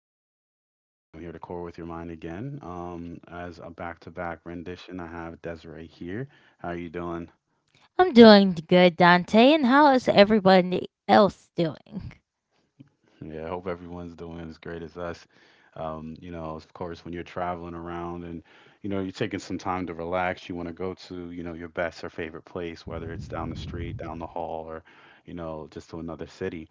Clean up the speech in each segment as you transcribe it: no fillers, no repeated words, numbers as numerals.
name is Dante. I'm here to core with your mind again. As a back to back rendition, I have Desiree here. How are you doing? I'm doing good, Dante. And how is everybody else doing? Yeah, I hope everyone's doing as great as us. Of course, when you're traveling around and, you're taking some time to relax, you want to go to, your best or favorite place, whether it's down the street, down the hall, or, just to another city.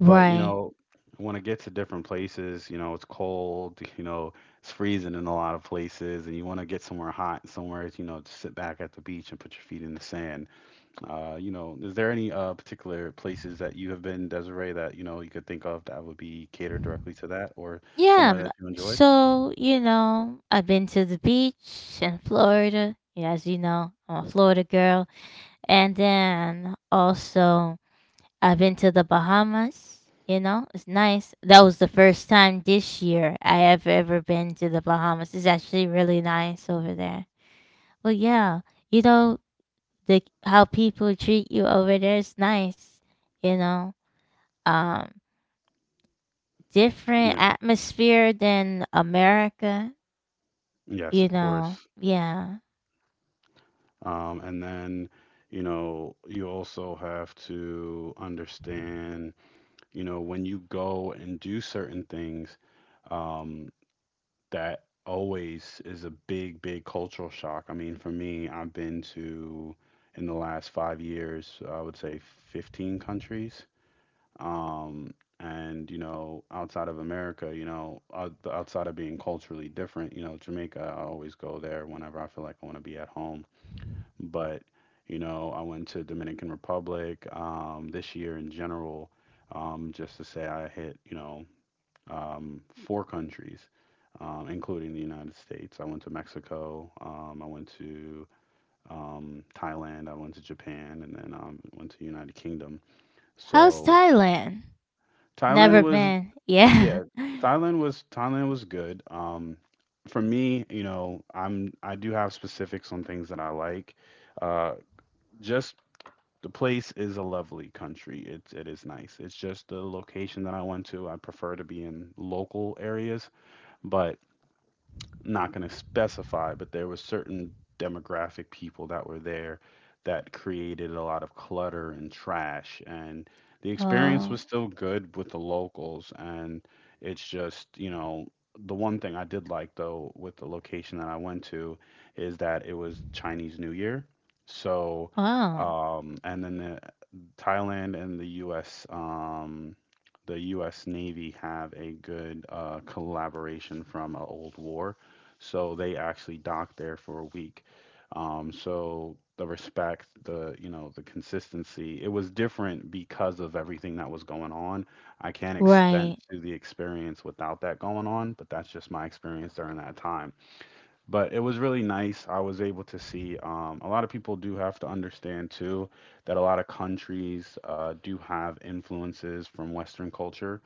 But, want to get to different places, it's cold, it's freezing in a lot of places, and you want to get somewhere hot, somewhere, to sit back at the beach and put your feet in the sand. Is there any particular places that you have been, Desiree, that you could think of that would be catered directly to that, or Yeah, somewhere that you enjoyed? so, I've been to the beach in Florida. Yeah, as you know, I'm a Florida girl. And then also, I've been to the Bahamas. You know, it's nice. That was the first time this year I have ever been to the Bahamas. It's actually really nice over there. Well, yeah, you know, the how people treat you over there is nice. You know, um different Yeah. atmosphere than America, Yes, of course. Yeah. And then, you also have to understand, when you go and do certain things, um, that always is a big, big cultural shock. I mean, for me, I've been to, in the last 5 years, I would say 15 countries. um, and outside of America, outside of being culturally different, Jamaica, I always go there whenever I feel like I want to be at home. But I went to Dominican Republic this year. In general, just to say I hit, four countries, including the United States. I went to Mexico, I went to Thailand, I went to Japan, and then went to United Kingdom. How's So Thailand? Thailand Never was been. Yeah. Yeah, Thailand was good. For me, I do have specifics on things that I like. Uh, just The place is a lovely country. It is nice. It's just the location that I went to. I prefer to be in local areas, but not going to specify, but there were certain demographic people that were there that created a lot of clutter and trash. And the experience was Oh. still good with the locals. And it's just, the one thing I did like though with the location that I went to is that it was Chinese New Year. So, Wow. And then the Thailand and the U.S. The U.S. Navy have a good collaboration from an old war, so they actually docked there for a week. So the respect, the the consistency, it was different because of everything that was going on. I can't extend Right. to the experience without that going on, but that's just my experience during that time. But it was really nice. I was able to see. A lot of people do have to understand too that a lot of countries do have influences from Western culture,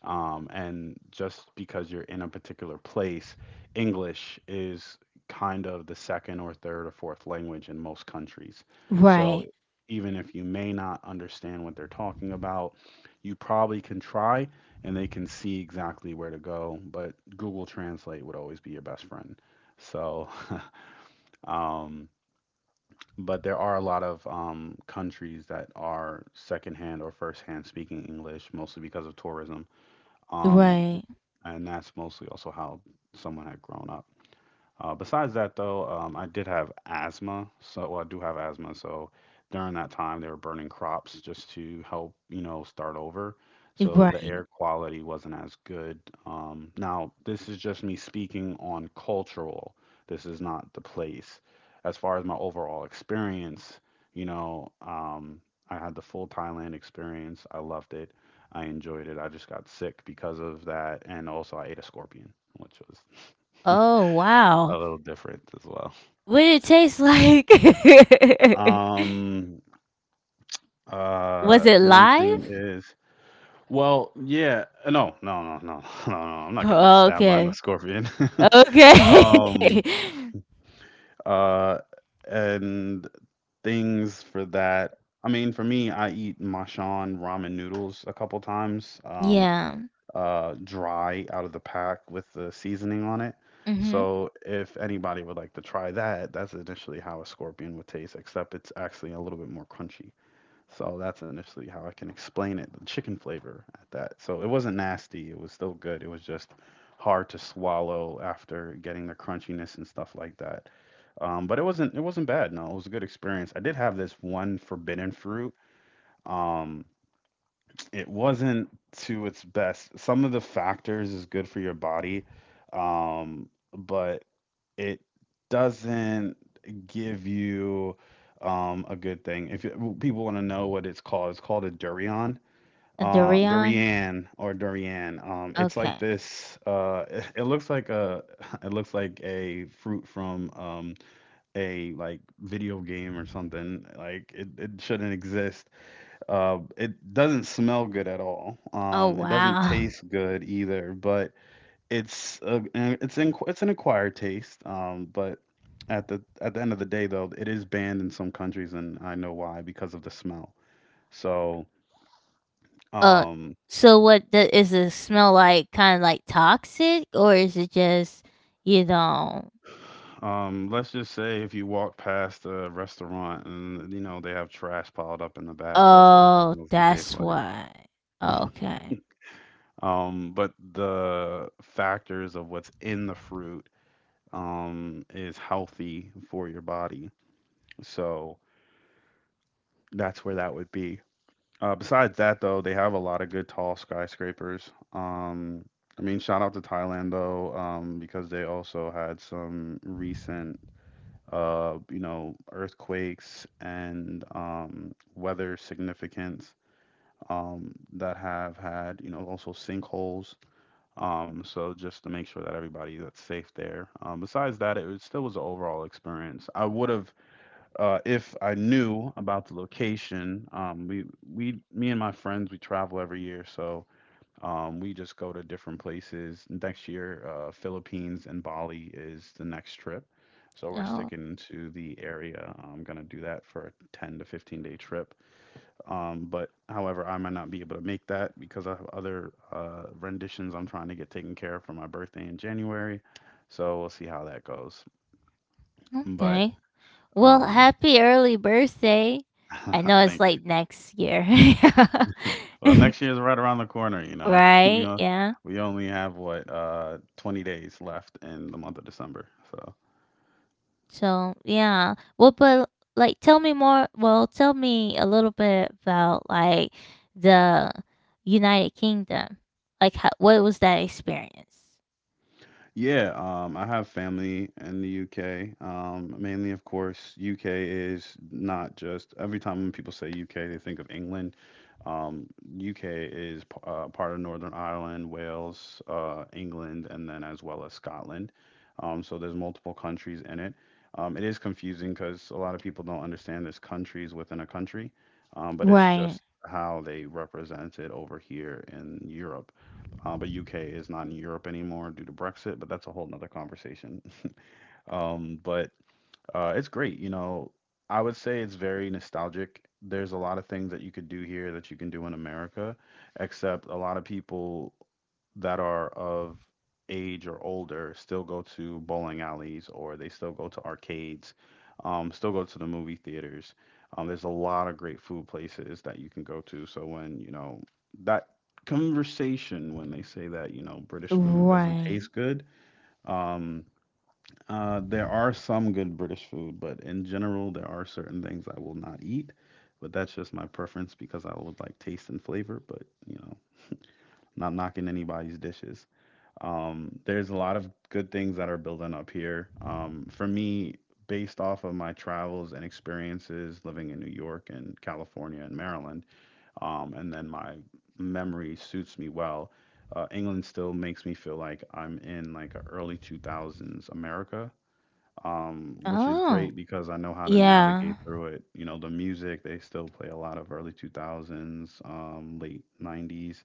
and just because you're in a particular place, English is kind of the second or third or fourth language in most countries. So Right. even if you may not understand what they're talking about, you probably can try and they can see exactly where to go. But Google Translate would always be your best friend. So, um, but there are a lot of countries that are secondhand or firsthand speaking English, mostly because of tourism. Um, Right. and that's mostly also how someone had grown up. Besides that, though, I did have asthma, so well, I do have asthma. So during that time, they were burning crops just to help, start over. So the Right. air quality wasn't as good. Now, this is just me speaking on cultural. This is not the place. As far as my overall experience, you know, um, I had the full Thailand experience. I loved it. I enjoyed it. I just got sick because of that, and also I ate a scorpion, which was Oh, a wow. little different as well. What did it taste like? Um, Was it One thing live? is, well, yeah, no, no, no, no, no, no, I'm not getting Oh, stabbed by no okay. scorpion. Okay. Um, uh, and things for that. I mean, for me, I eat Machan ramen noodles a couple times, Yeah. Dry out of the pack with the seasoning on it. Mhm. So if anybody would like to try that, that's initially how a scorpion would taste, except it's actually a little bit more crunchy. So that's initially how I can explain it, the chicken flavor at that. So it wasn't nasty, it was still good. It was just hard to swallow after getting the crunchiness and stuff like that. But it wasn't bad. No, it was a good experience. I did have this one forbidden fruit. Um, it wasn't to its best. Some of the factors is good for your body, but it doesn't give you a good thing. If it, well, people want to know what it's called a durian, A durian. durian or durian. It's like Okay. this. It looks like a. It looks like a fruit from a like video game or something. It shouldn't exist. It doesn't smell good at all. Oh, It doesn't wow. taste good either. But it's a, it's in, it's an acquired taste, but at the end of the day, though, it is banned in some countries, and I know why because of the smell. So, Uh, um, so is the smell like? Kind of like toxic, or is it just you know? Let's just say if you walk past a restaurant and you know they have trash piled up in the back, that's what it Oh, smells and tastes that's like. why. Okay. But the factors of what's in the fruit, is healthy for your body. So that's where that would be. Besides that, though, they have a lot of good tall skyscrapers. I mean, shout out to Thailand though, because they also had some recent earthquakes and weather significance that have had, also sinkholes. So just to make sure that everybody that's safe there. Besides that, it was, still was an overall experience. I would have If I knew about the location, we me and my friends, we travel every year, so we just go to different places. Next year, Philippines and Bali is the next trip, so we're Oh, sticking to the area. I'm gonna do that for a 10 to 15 day trip. But however, I might not be able to make that because I have other renditions I'm trying to get taken care of for my birthday in January, so we'll see how that goes. But okay. Well, um, happy early birthday. I know it's Thank you. like next year, Well, next year's right around the corner, you know. We right? on, Yeah. we only have what 20 days left in the month of December. So So yeah, well, but like, tell me more. Well, tell me a little bit about like the United Kingdom. Like, how, what was that experience? Yeah, I have family in the UK. Mainly, of course, UK is not just every time when people say UK, they think of England. Um, UK is part of Northern Ireland, Wales, England, and then as well as Scotland. So there's multiple countries in it. It is confusing because a lot of people don't understand there's countries within a country, but it's Right. just how they represent it over here in Europe. But UK is not in Europe anymore due to Brexit. But that's a whole nother conversation. But It's great. You know, I would say it's very nostalgic. There's a lot of things that you could do here that you can do in America, except a lot of people that are of age or older still go to bowling alleys or they still go to arcades, still go to the movie theaters. There's a lot of great food places that you can go to. So when, you know, that conversation when they say that, British food doesn't Right. taste good, um, there are some good British food, but in general, there are certain things I will not eat. But that's just my preference because I would like taste and flavor, but you know, not knocking anybody's dishes. There's a lot of good things that are building up here. For me, based off of my travels and experiences living in New York and California and Maryland, and then my memory suits me well. England still makes me feel like I'm in like a early 2000s America, which is Oh, great because I know how to yeah. navigate through it. You know, the music, they still play a lot of early 2000s, late 90s.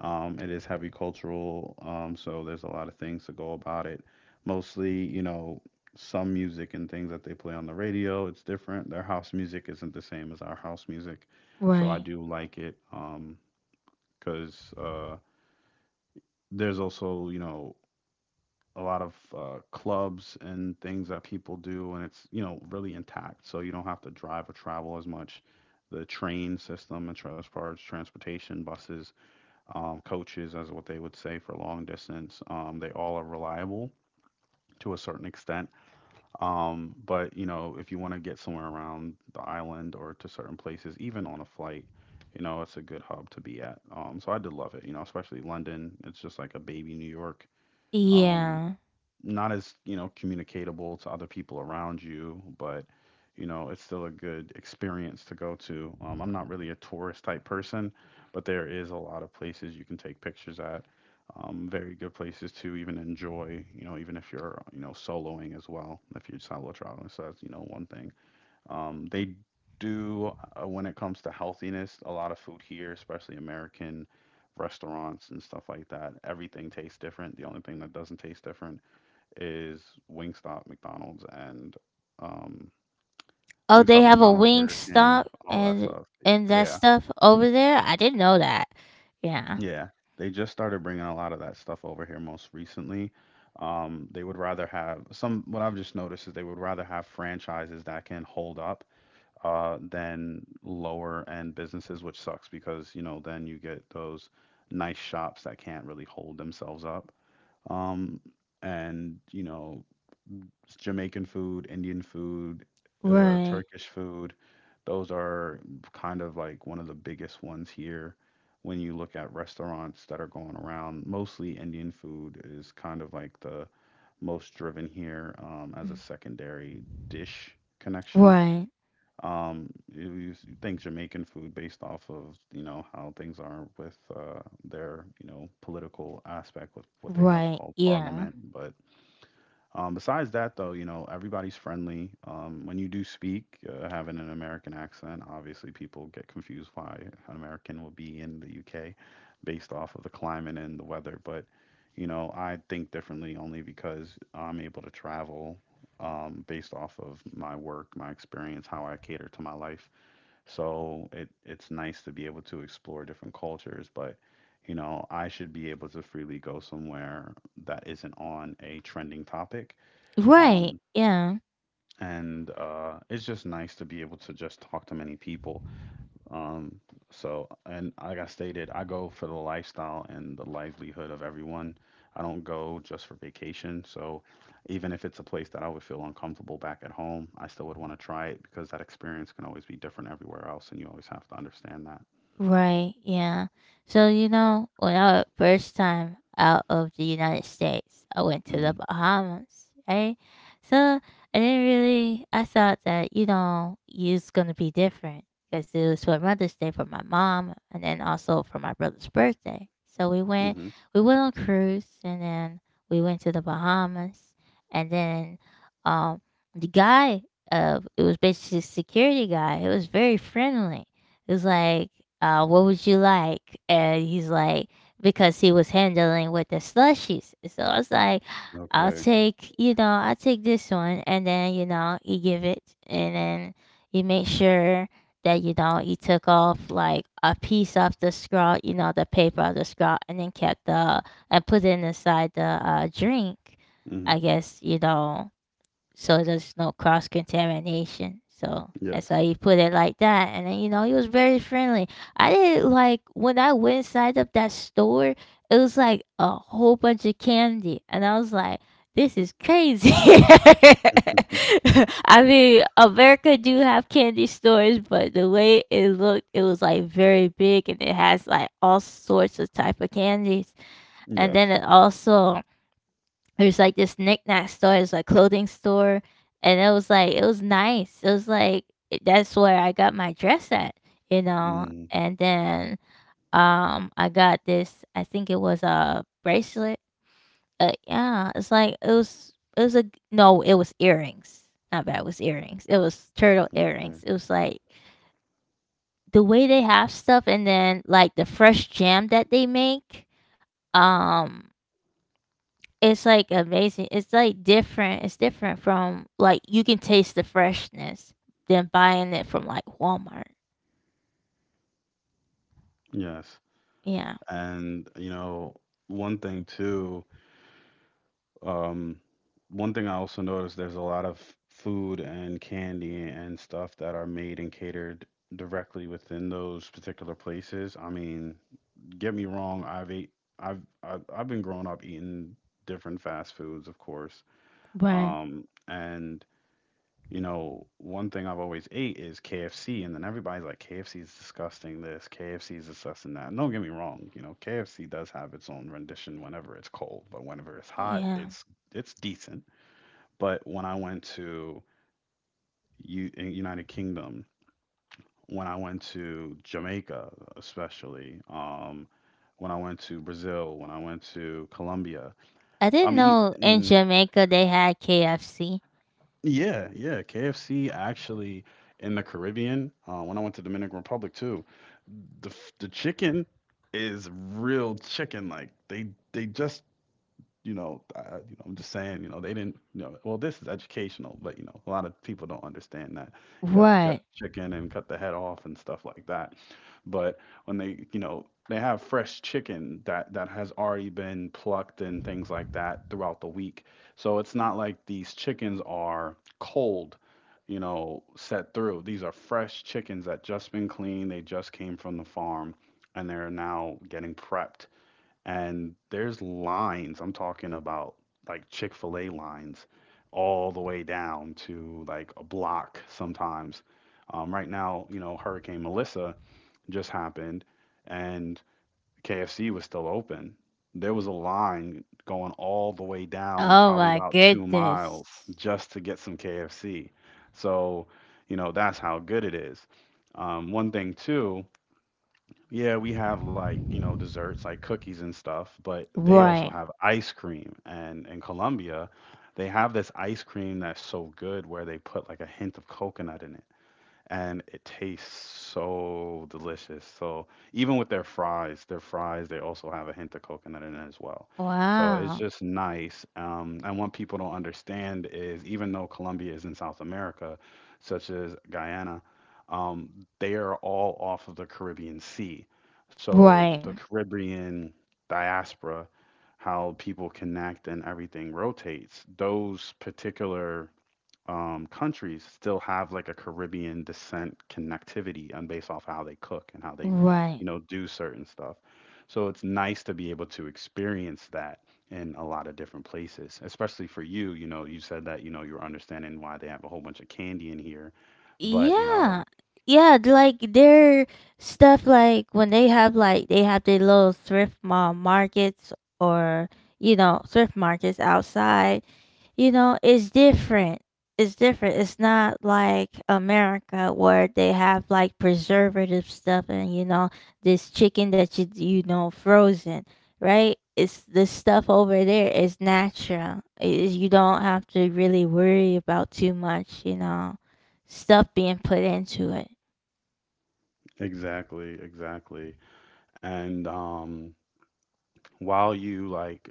It is heavy cultural, so there's a lot of things to go about it. Mostly, some music and things that they play on the radio, it's different. Their house music isn't the same as our house music, so I Right. do like it because there's also, a lot of clubs and things that people do, and it's really intact. So you don't have to drive or travel as much. The train system, and as far as transportation, buses, coaches, as what they would say for long distance, they all are reliable to a certain extent. But if you want to get somewhere around the island or to certain places, even on a flight, it's a good hub to be at. So I did love it. Especially London. It's just like a baby New York. Um, Yeah. not as communicatable to other people around you, but it's still a good experience to go to. I'm not really a tourist type person, but there is a lot of places you can take pictures at. Very good places to even enjoy, even if you're, soloing as well, if you're solo traveling. So that's, one thing. They do, when it comes to healthiness, a lot of food here, especially American restaurants and stuff like that, everything tastes different. The only thing that doesn't taste different is Wingstop, McDonald's, and um, Oh, they Wingstop, have a McDonald's, wing Burger King, stop all that and stuff. and that Yeah, stuff over there. I didn't know that. Yeah. yeah. They just started bringing a lot of that stuff over here most recently. They would rather have some. What I've just noticed is they would rather have franchises that can hold up than lower end businesses, which sucks because then you get those nice shops that can't really hold themselves up. Um, and you know It's Jamaican food, Indian food, Right. Turkish food. Those are kind of like one of the biggest ones here. When you look at restaurants that are going around, mostly Indian food is kind of like the most driven here as a secondary dish connection. Right. You think Jamaican food based off of, how things are with their, political aspect with what they have Right. called Yeah. parliament, but besides that, though, everybody's friendly. When you do speak, having an American accent, obviously people get confused why an American will be in the UK based off of the climate and the weather. But, I think differently only because I'm able to travel based off of my work, my experience, how I cater to my life. So it's nice to be able to explore different cultures, but I should be able to freely go somewhere that isn't on a trending topic Right. um, Yeah. and it's just nice to be able to just talk to many people. Um, so, and like I stated, I go for the lifestyle and the livelihood of everyone. I don't go just for vacation. So, even if it's a place that I would feel uncomfortable back at home, I still would want to try it because that experience can always be different everywhere else, and you always have to understand that. Right, yeah. So, when I was first time out of the United States, I went to the Mm, Bahamas, right? So I didn't really, I thought that, it's going to be different because it was for Mother's Day for my mom and then also for my brother's birthday. So we went, mm-hmm. we went on cruise and then we went to the Bahamas and then um, the guy, it was basically a security guy. It was very friendly it was like, what would you like? And he's like, because he was handling with the slushies. So I was like, I'll Okay. take, you know, I'll take this one. And then, he give it. And then he make sure that, he took off like a piece of the straw, the paper of the straw, and then and put it inside the drink. Mm-hmm. I guess, so there's no cross contamination. So that's how Yes. he put it like that. And then he was very friendly. I didn't like when I went inside of that store. It was like a whole bunch of candy, and I was like, "This is crazy." I mean, America do have candy stores, but the way it looked, it was like very big, and it has like all sorts of type of candies. And then Yes. it also there's like this knickknack store, it's a clothing store, and it was like it was nice. It was like that's where I got my dress at. Mm, And then I got this, I think it was a bracelet. Yeah, it's like it was a no, it was earrings. Not bad, it was earrings. It was turtle okay. earrings. It was like the way they have stuff and then like the fresh jam that they make. Um It's, like, amazing. It's, like, different. It's different from, like you can taste the freshness than buying it from, like, Walmart. Yes. Yeah. And one thing too. Um, one thing I also noticed there's a lot of food and candy and stuff that are made and catered directly within those particular places. I mean, get me wrong, I've ate, I've been growing up eating different fast foods, of course. Right. Um, and one thing I've always ate is KFC, and then everybody's like, KFC is disgusting this, KFC is disgusting that. And don't get me wrong, KFC does have its own rendition whenever it's cold, but whenever it's hot, Yeah. it's decent. But when I went to United Kingdom, when I went to Jamaica, especially, when I went to Brazil, when I went to Colombia, I didn't I'm know in eating. Jamaica they had KFC. Yeah, yeah, KFC actually in the Caribbean. When I went to Dominican Republic too, the chicken is real chicken. Like they just I'm just saying, they didn't, well, this is educational, but a lot of people don't understand that you have to cut Right. chicken and cut the head off and stuff like that. But when they, they have fresh chicken that has already been plucked and things like that throughout the week, so it's not like these chickens are cold, set through. These are fresh chickens that just been cleaned. They just came from the farm, and they're now getting prepped, and there's lines. I'm talking about like Chick fil A lines all the way down to like a block sometimes. Right now, Hurricane Melissa just happened and KFC was still open. There was a line going all the way down, Oh probably my about two goodness. miles, just to get some KFC. So, that's how good it is. One thing, too, yeah, we have like, desserts like cookies and stuff, but they also Right. have ice cream. And in Colombia, they have this ice cream that's so good where they put like a hint of coconut in it, and it tastes so delicious. So even with their fries they also have a hint of coconut in it as well. So it's Wow. just nice. And what people don't understand is even though Colombia is in South America, such as Guyana, um, they are all off of the Caribbean Sea. So Right. the Caribbean diaspora, how people connect and everything rotates, those particular countries still have like a Caribbean descent connectivity and based off how they cook and how they, Right. Do certain stuff. So it's nice to be able to experience that in a lot of different places, especially for you. You said that, you're understanding why they have a whole bunch of candy in here. But, Yeah. Yeah, like their stuff like when they have like they have their little thrift mall markets or thrift markets outside. You know it's different it's different It's not like America where they have like preservative stuff, and this chicken that you know frozen, right. It's the stuff over there is natural. I You don't have to really worry about too much stuff being put into it. exactly, exactly. And while you like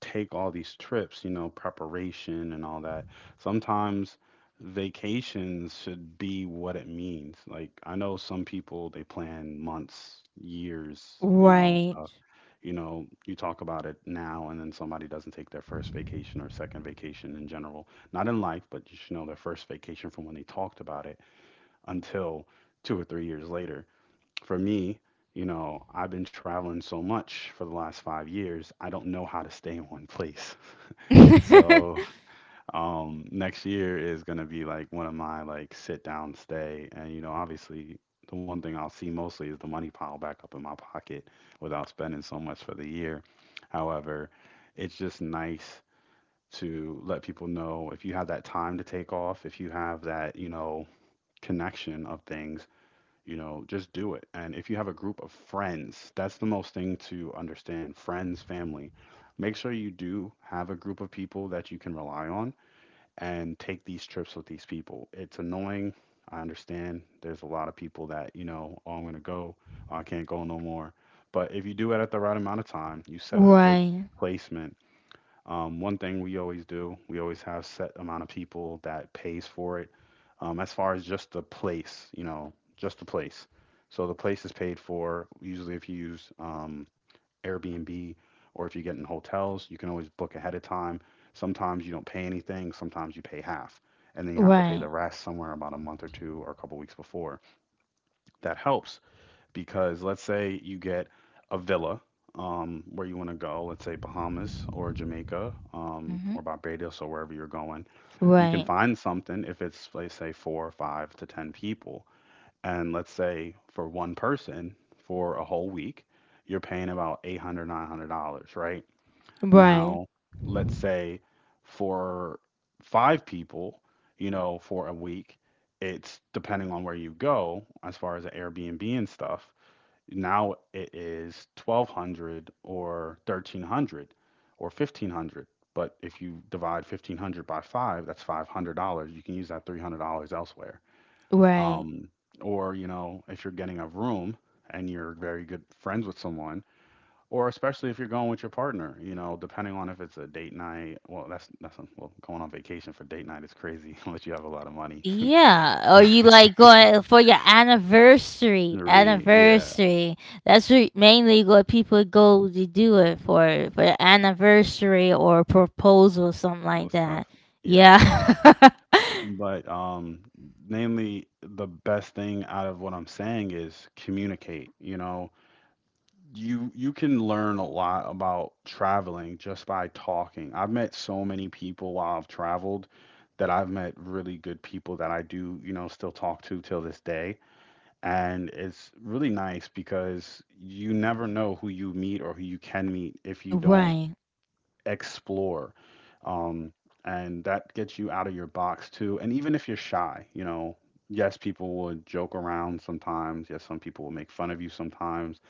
take all these trips, preparation and all that. Sometimes vacations should be what it means. Like I know some people they plan months, years, Right. stuff. You talk about it now, and then somebody doesn't take their first vacation or second vacation in general. Not in life, but you should know their first vacation from when they talked about it until 2 or 3 years later. For me, I've been traveling so much for the last 5 years, I don't know how to stay in one place. So, next year is going to be like one of my like sit down stay. And, obviously, the one thing I'll see mostly is the money pile back up in my pocket without spending so much for the year. However, it's just nice to let people know, if you have that time to take off, if you have that, connection of things, just do it. And if you have a group of friends, that's the most thing to understand. Friends, family. Make sure you do have a group of people that you can rely on and take these trips with these people. It's annoying. I understand. There's a lot of people that, oh, I'm going to go. Oh, I can't go no more. But if you do it at the right amount of time, you set a good Right. placement. One thing we always do, we always have set amount of people that pays for it. As far as just the place, just the place. So the place is paid for. Usually, if you use Airbnb or if you get in hotels, you can always book ahead of time. Sometimes you don't pay anything. Sometimes you pay half, and then you have to pay Right. the rest somewhere about a month or two or a couple weeks before. That helps because let's say you get a villa where you want to go, let's say Bahamas or Jamaica Hmm. or Barbados or wherever you're going. You can Right. find something if it's, let's say, four, five to 10 people. And let's say for one person for a whole week, you're paying about eight hundred nine hundred dollars right? Right. Now, let's say for five people, for a week, it's depending on where you go as far as the Airbnb and stuff. Now it is 1200 or 1300 or 1500. But if you divide 1500 by 5, that's $500. You can use that $300 elsewhere. Right. Um, or you know, if you're getting a room and you're very good friends with someone, or especially if you're going with your partner, you know, depending on if it's a date night. Well, going on vacation for date night is crazy unless you have a lot of money. Yeah, or you like going for your anniversary. Yeah, Anniversary. That's what mainly what people go to do it for your anniversary or proposal, something like most that. stuff. Yeah. Yes. But mainly the best thing out of what I'm saying is communicate. You know, you can learn a lot about traveling just by talking. I've met so many people while I've traveled that I've met really good people that I do, you know, still talk to till this day. And it's really nice because you never know who you meet or who you can meet if you don't Right. explore. Um, and that gets you out of your box too. And even if you're shy, you know, yes, people would joke around sometimes. Yes, some people will make fun of you sometimes.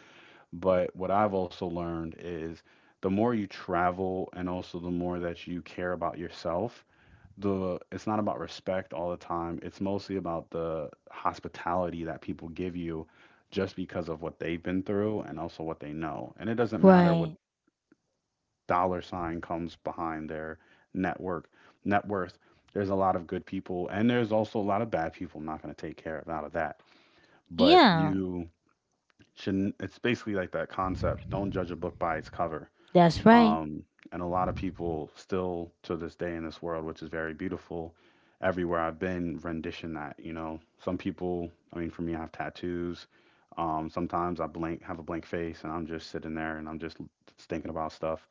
But what I've also learned is the more you travel and also the more that you care about yourself, the it's not about respect all the time. It's mostly about the hospitality that people give you just because of what they've been through and also what they know. And it doesn't matter what Right. dollar sign comes behind their network net worth. There's a lot of good people and there's also a lot of bad people. I'm not going to take care of out of that. But Yeah. you shouldn't It's basically like that concept, don't judge a book by its cover. That's right. Um, and a lot of people still to this day in this world, which is very beautiful, everywhere I've been rendition that, you know. Some people, I mean for me I have tattoos. Sometimes I blank have a blank face and I'm just sitting there and I'm just thinking about stuff.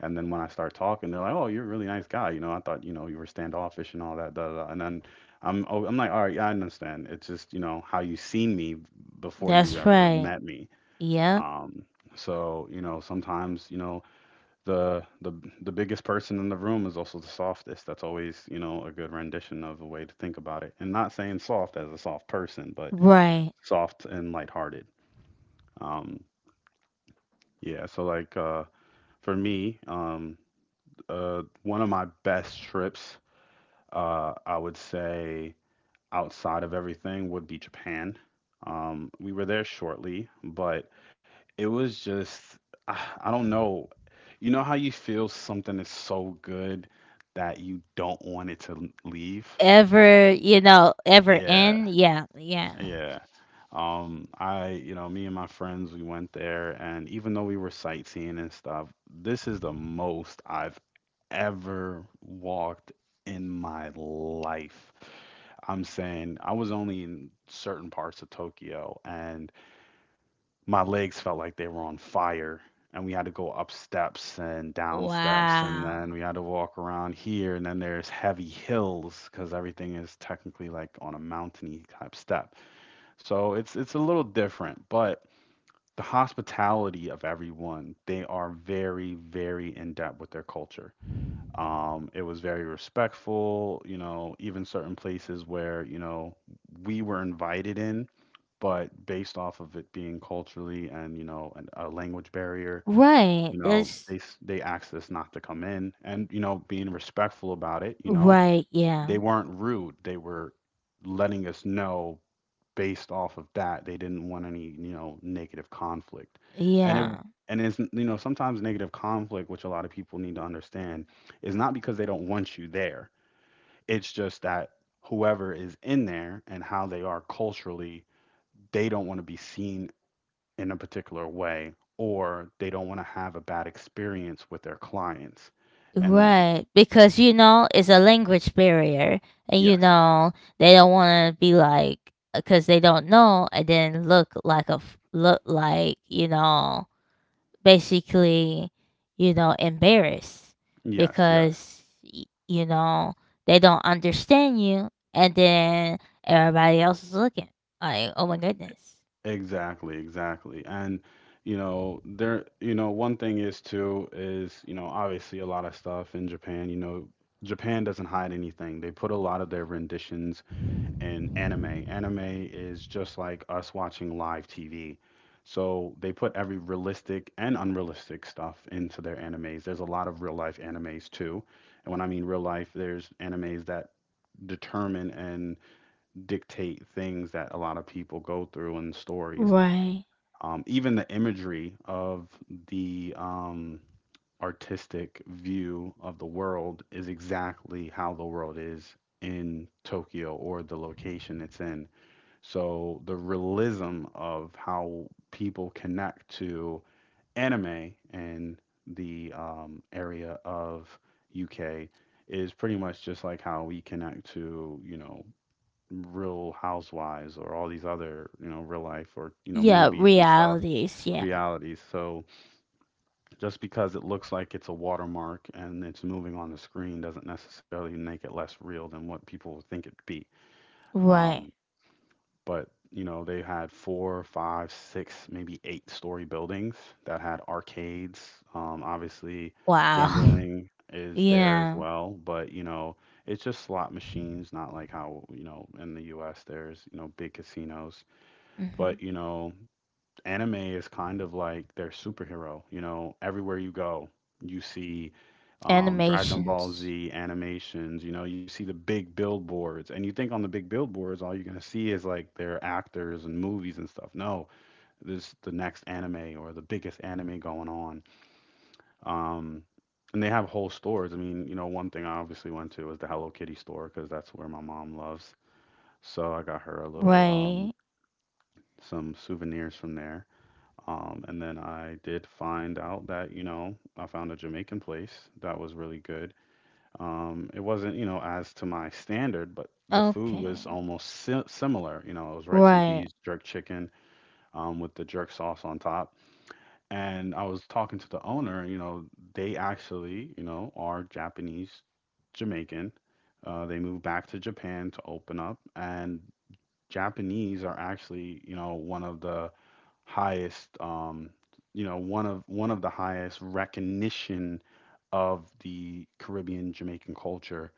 And then when I start talking, they're like, "Oh, you're a really nice guy. You know, I thought you know you were standoffish and all that. Da, da, da." And then I'm like, "All right, yeah, I understand. It's just you know how you seen me before you That's ever right. met me." Yeah. Um, so you know sometimes you know the the the biggest person in the room is also the softest. That's always you know a good rendition of a way to think about it. And not saying soft as a soft person, but Right. soft and lighthearted. Um, yeah. So for me, one of my best trips, I would say outside of everything, would be Japan. We were there shortly, but it was just, I don't know. You know how you feel something is so good that you don't want it to leave? Ever, ever Yeah, end. Yeah. Yeah. yeah. You know, me and my friends, we went there, and even though we were sightseeing and stuff, this is the most I've ever walked in my life. I'm saying I was only in certain parts of Tokyo and my legs felt like they were on fire. And we had to go up steps and down steps, and then Wow. we had to walk around here. And then there's heavy hills because everything is technically like on a mountainy type step. So it's a little different, but the hospitality of everyone, they are very, very in depth with their culture. It was very respectful, you know, even certain places where, you know, we were invited in, but based off of it being culturally and, you know, and a language barrier, Right. you know, That's they asked us not to come in and, you know, being respectful about it, you know, right. they Yeah. weren't rude. They were letting us know based off of that. They didn't want any, you know, negative conflict. And it Yeah. and it's you know, sometimes negative conflict, which a lot of people need to understand, is not because they don't want you there. It's just that whoever is in there and how they are culturally, they don't want to be seen in a particular way or they don't want to have a bad experience with their clients. And Right, because it's a language barrier, and yes, they don't want to be like because they don't know, and then look like look like basically embarrassed yes. because you know they don't understand you, and then everybody else is looking like oh my goodness. Exactly, exactly. And you know, there you know, one thing is too is, you know, obviously a lot of stuff in Japan, you know, Japan doesn't hide anything. They put a lot of their renditions in anime. Anime is just like us watching live TV. So they put every realistic and unrealistic stuff into their animes. There's a lot of real life animes too. And when I mean real life, there's animes that determine and dictate things that a lot of people go through and stories, Right. Even the imagery of the artistic view of the world is exactly how the world is in Tokyo or the location it's in. So the realism of how people connect to anime in the area of UK is pretty much just like how we connect to, you know, Real Housewives or all these other, you know, real life or, you know, Yeah. movies and stuff, Realities. Yeah. realities. So just because it looks like it's a watermark and it's moving on the screen doesn't necessarily make it less real than what people would think it'd be. Right. Um, but you know, they had four, five, six, maybe eight-story buildings that had arcades. Obviously, Wow. gambling is there as Yeah. well, but you know, it's just slot machines, not like how, you know, in the US there's, you know, big casinos. Hmm. But you know, anime is kind of like their superhero. You know, everywhere you go, you see Dragon Ball Animations. Z animations. You know, you see the big billboards, and you think on the big billboards, all you're gonna see is like their actors and movies and stuff. No, this the next anime or the biggest anime going on. Um, and they have whole stores. I mean, you know, one thing I obviously went to was the Hello Kitty store because that's where my mom loves. So I got her a little Right. some souvenirs from there. And then I did find out that, you know, I found a Jamaican place that was really good. It wasn't, you know, as to my standard, but the food Okay. was almost si similar. You know, it was rice and Right. peas, jerk chicken, with the jerk sauce on top. And I was talking to the owner, you know, they actually, you know, are Japanese Jamaican. They moved back to Japan to open up, and Japanese are actually, you know, one of the highest you know one of the highest recognition of the Caribbean Jamaican culture.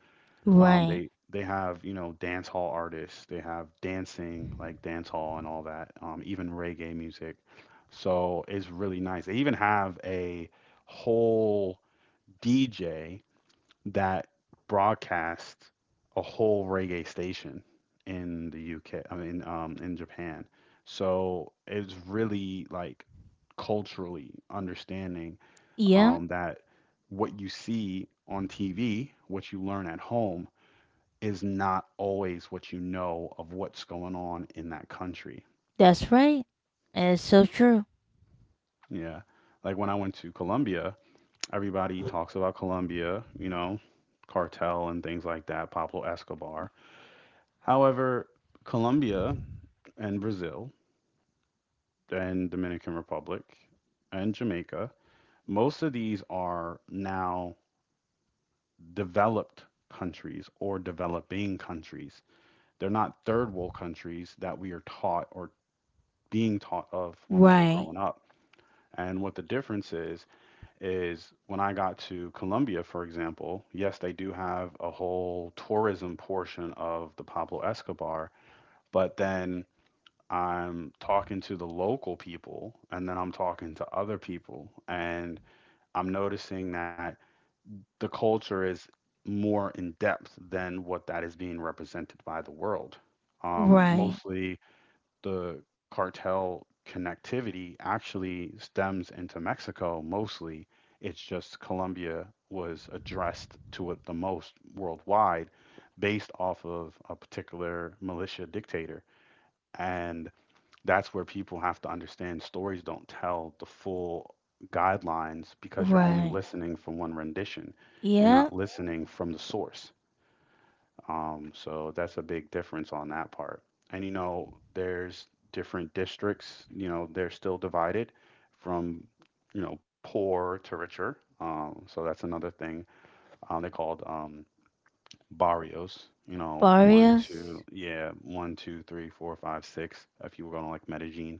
Um, Right. they they have you know dance hall artists. They have dancing like dance hall and all that. Even reggae music. So it's really nice. They even have a whole DJ that broadcast a whole reggae station in the UK. I mean, in Japan. So it's really like culturally understanding Yeah, that what you see on TV, what you learn at home, is not always what you know of what's going on in that country. that's right. It's so true. Yeah. Like when I went to Colombia, everybody talks about Colombia, you know, cartel and things like that, Pablo Escobar. However, Colombia and Brazil and Dominican Republic and Jamaica, most of these are now developed countries or developing countries. They're not third world countries that we are taught or being taught of when we were Right. growing up. And what the difference is when I got to Colombia, for example, yes, they do have a whole tourism portion of the Pablo Escobar, but then I'm talking to the local people and then I'm talking to other people. And I'm noticing that the culture is more in depth than what that is being represented by the world. Um, Right. mostly the cartel connectivity actually stems into Mexico, mostly. It's just Colombia was addressed to it the most worldwide based off of a particular militia dictator. And that's where people have to understand stories don't tell the full guidelines because you're only Right. listening from one rendition. You're Yeah. not listening from the source. So that's a big difference on that part. And you know, there's different districts, you know, they're still divided from, you know, poor to richer. So that's another thing. They called barrios, you know, Barrios. One, two, three, four, five, six, if you were going to like Medellin,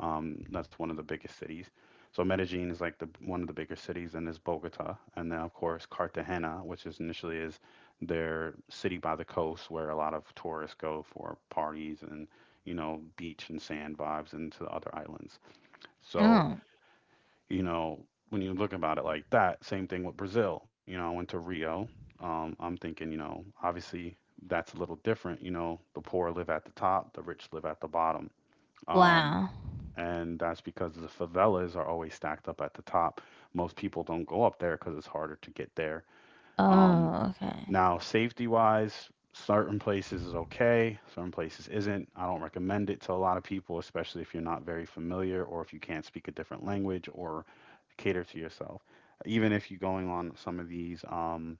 that's one of the biggest cities. So Medellin is like the one of the bigger cities, and there's Bogota, and then of course Cartagena, which is initially is their city by the coast where a lot of tourists go for parties and you know beach and sand vibes and to the other islands. So Oh. you know when you look about it like that, same thing with Brazil. You know I went to Rio. I'm thinking you know obviously that's a little different. You know the poor live at the top, the rich live at the bottom. Um, Wow. and that's because the favelas are always stacked up at the top. Most people don't go up there because it's harder to get there. Um, Oh, okay. Now, safety wise, certain places is okay, certain places isn't. I don't recommend it to a lot of people, especially if you're not very familiar or if you can't speak a different language or cater to yourself. Even if you're going on some of these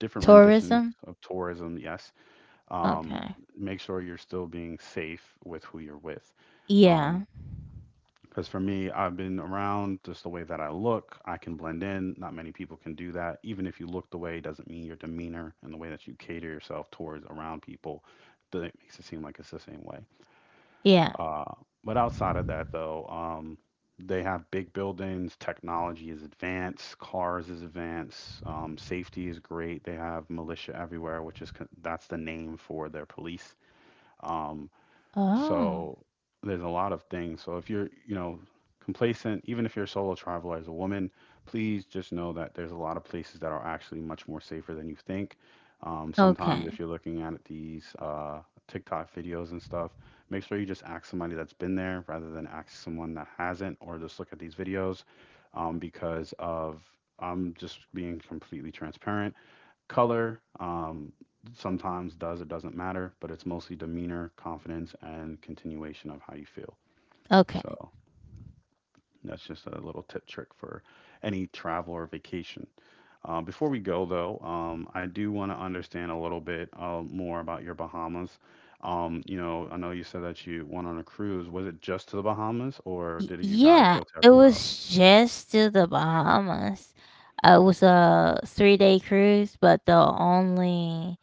different renditions Tourism? of tourism, yes, um, Okay. make sure you're still being safe with who you're with. Um, Yeah. because for me, I've been around just the way that I look. I can blend in. Not many people can do that. Even if you look the way, doesn't mean your demeanor and the way that you cater yourself towards around people, it makes it seem like it's the same way. Yeah. Uh, but outside of that, though, they have big buildings. Technology is advanced. Cars is advanced. Safety is great. They have militia everywhere, which is that's the name for their police. Um, Oh. so there's a lot of things. So if you're, you know, complacent, even if you're a solo traveler as a woman, please just know that there's a lot of places that are actually much more safer than you think. Sometimes if Okay. you're looking at these TikTok videos and stuff, make sure you just ask somebody that's been there rather than ask someone that hasn't, or just look at these videos because of I'm just being completely transparent. Color sometimes does or doesn't matter, but it's mostly demeanor, confidence, and continuation of how you feel. Okay. So that's just a little tip trick for any travel or vacation. Before we go, though, I do want to understand a little bit more about your Bahamas. You know, I know you said that you went on a cruise. Was it just to the Bahamas, or Y- did you guys yeah, go to it everywhere else? was just to the Bahamas. It was a 3-day cruise, but the only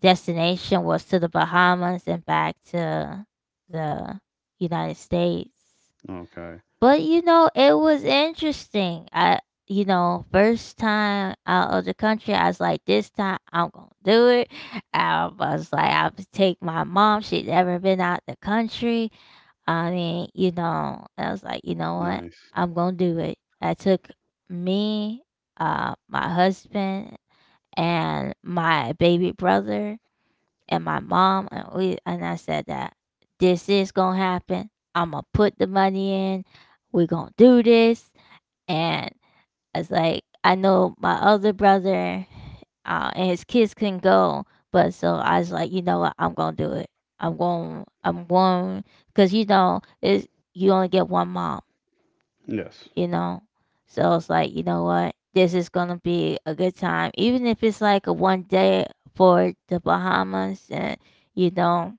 destination was to the Bahamas and back to the United States. Okay, But it was interesting. First time out of the country, I was like, this time I'm gonna do it. I was like, I will take my mom. She'd never been out the country. I mean, I was like, you know what? nice. I'm gonna do it. I took me, my husband, and my baby brother, and my mom, and and I said that this is gonna happen. I'm gonna put the money in. We're gonna do this, and it's like I know my other brother, and his kids couldn't go, but so I was like, you know what, I'm gonna do it. I'm going, because you only get one mom, Yes, you know, so it's like, you know what, this is gonna be a good time, even if it's like a one day for the Bahamas, you know,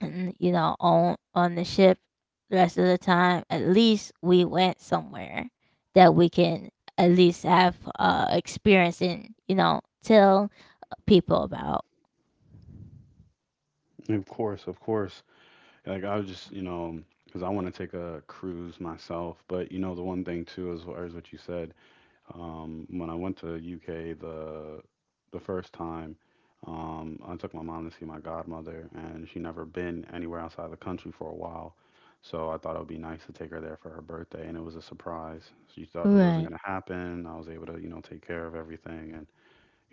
and on the ship the rest of the time at least we went somewhere that we can at least have experience and tell people about. of course, of course. Like I was just, you know, because I want to take a cruise myself. But you know, the one thing too, as far as what you said, when I went to UK the first time, I took my mom to see my godmother, and she never been anywhere outside of the country for a while. So I thought it would be nice to take her there for her birthday, and it was a surprise. She thought that wasn't Right. going to happen. I was able to, you know, take care of everything, and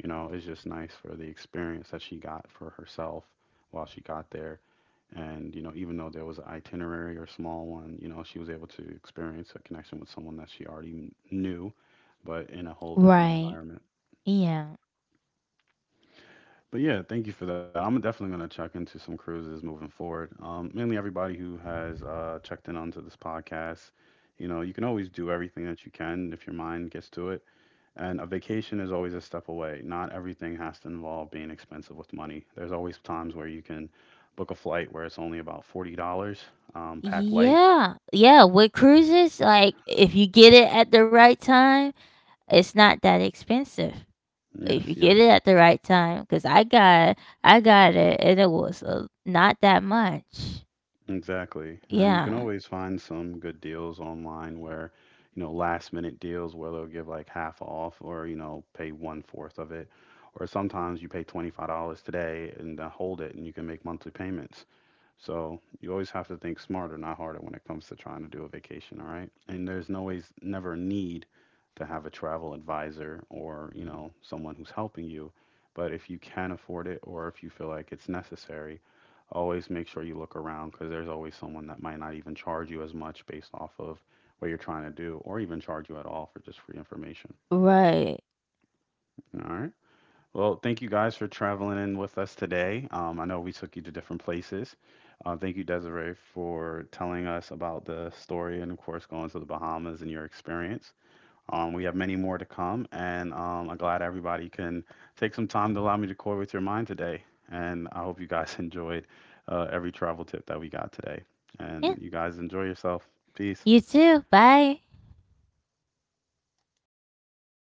you know, it's just nice for the experience that she got for herself while she got there. And, you know, even though there was an itinerary or small one, you know, she was able to experience a connection with someone that she already knew, but in a whole different Right. environment. Yeah. But yeah, thank you for that. I'm definitely going to check into some cruises moving forward. Mainly everybody who has checked in onto this podcast. You know, you can always do everything that you can if your mind gets to it. And a vacation is always a step away. Not everything has to involve being expensive with money. There's always times where you can book a flight where it's only about $40, pack light. Yeah, yeah, with cruises, like if you get it at the right time it's not that expensive if you Yes, get it yes, at the right time because I got it and it was not that much. exactly. And you can Yeah, always find some good deals online where, you know, last minute deals where they'll give like half off or, you know, pay one fourth of it. Or sometimes you pay $25 today and hold it and you can make monthly payments. So you always have to think smarter, not harder, when it comes to trying to do a vacation. All right, and there's no always never a need to have a travel advisor or you know someone who's helping you. But if you can afford it or if you feel like it's necessary, always make sure you look around because there's always someone that might not even charge you as much based off of what you're trying to do or even charge you at all for just free information. right. All right. Well, thank you guys for traveling in with us today. I know we took you to different places. Thank you, Desiree, for telling us about the story and, of course, going to the Bahamas and your experience. We have many more to come, and I'm glad everybody can take some time to allow me to toy with your mind today. And I hope you guys enjoyed every travel tip that we got today. And Yeah. you guys enjoy yourself. Peace. You too. Bye.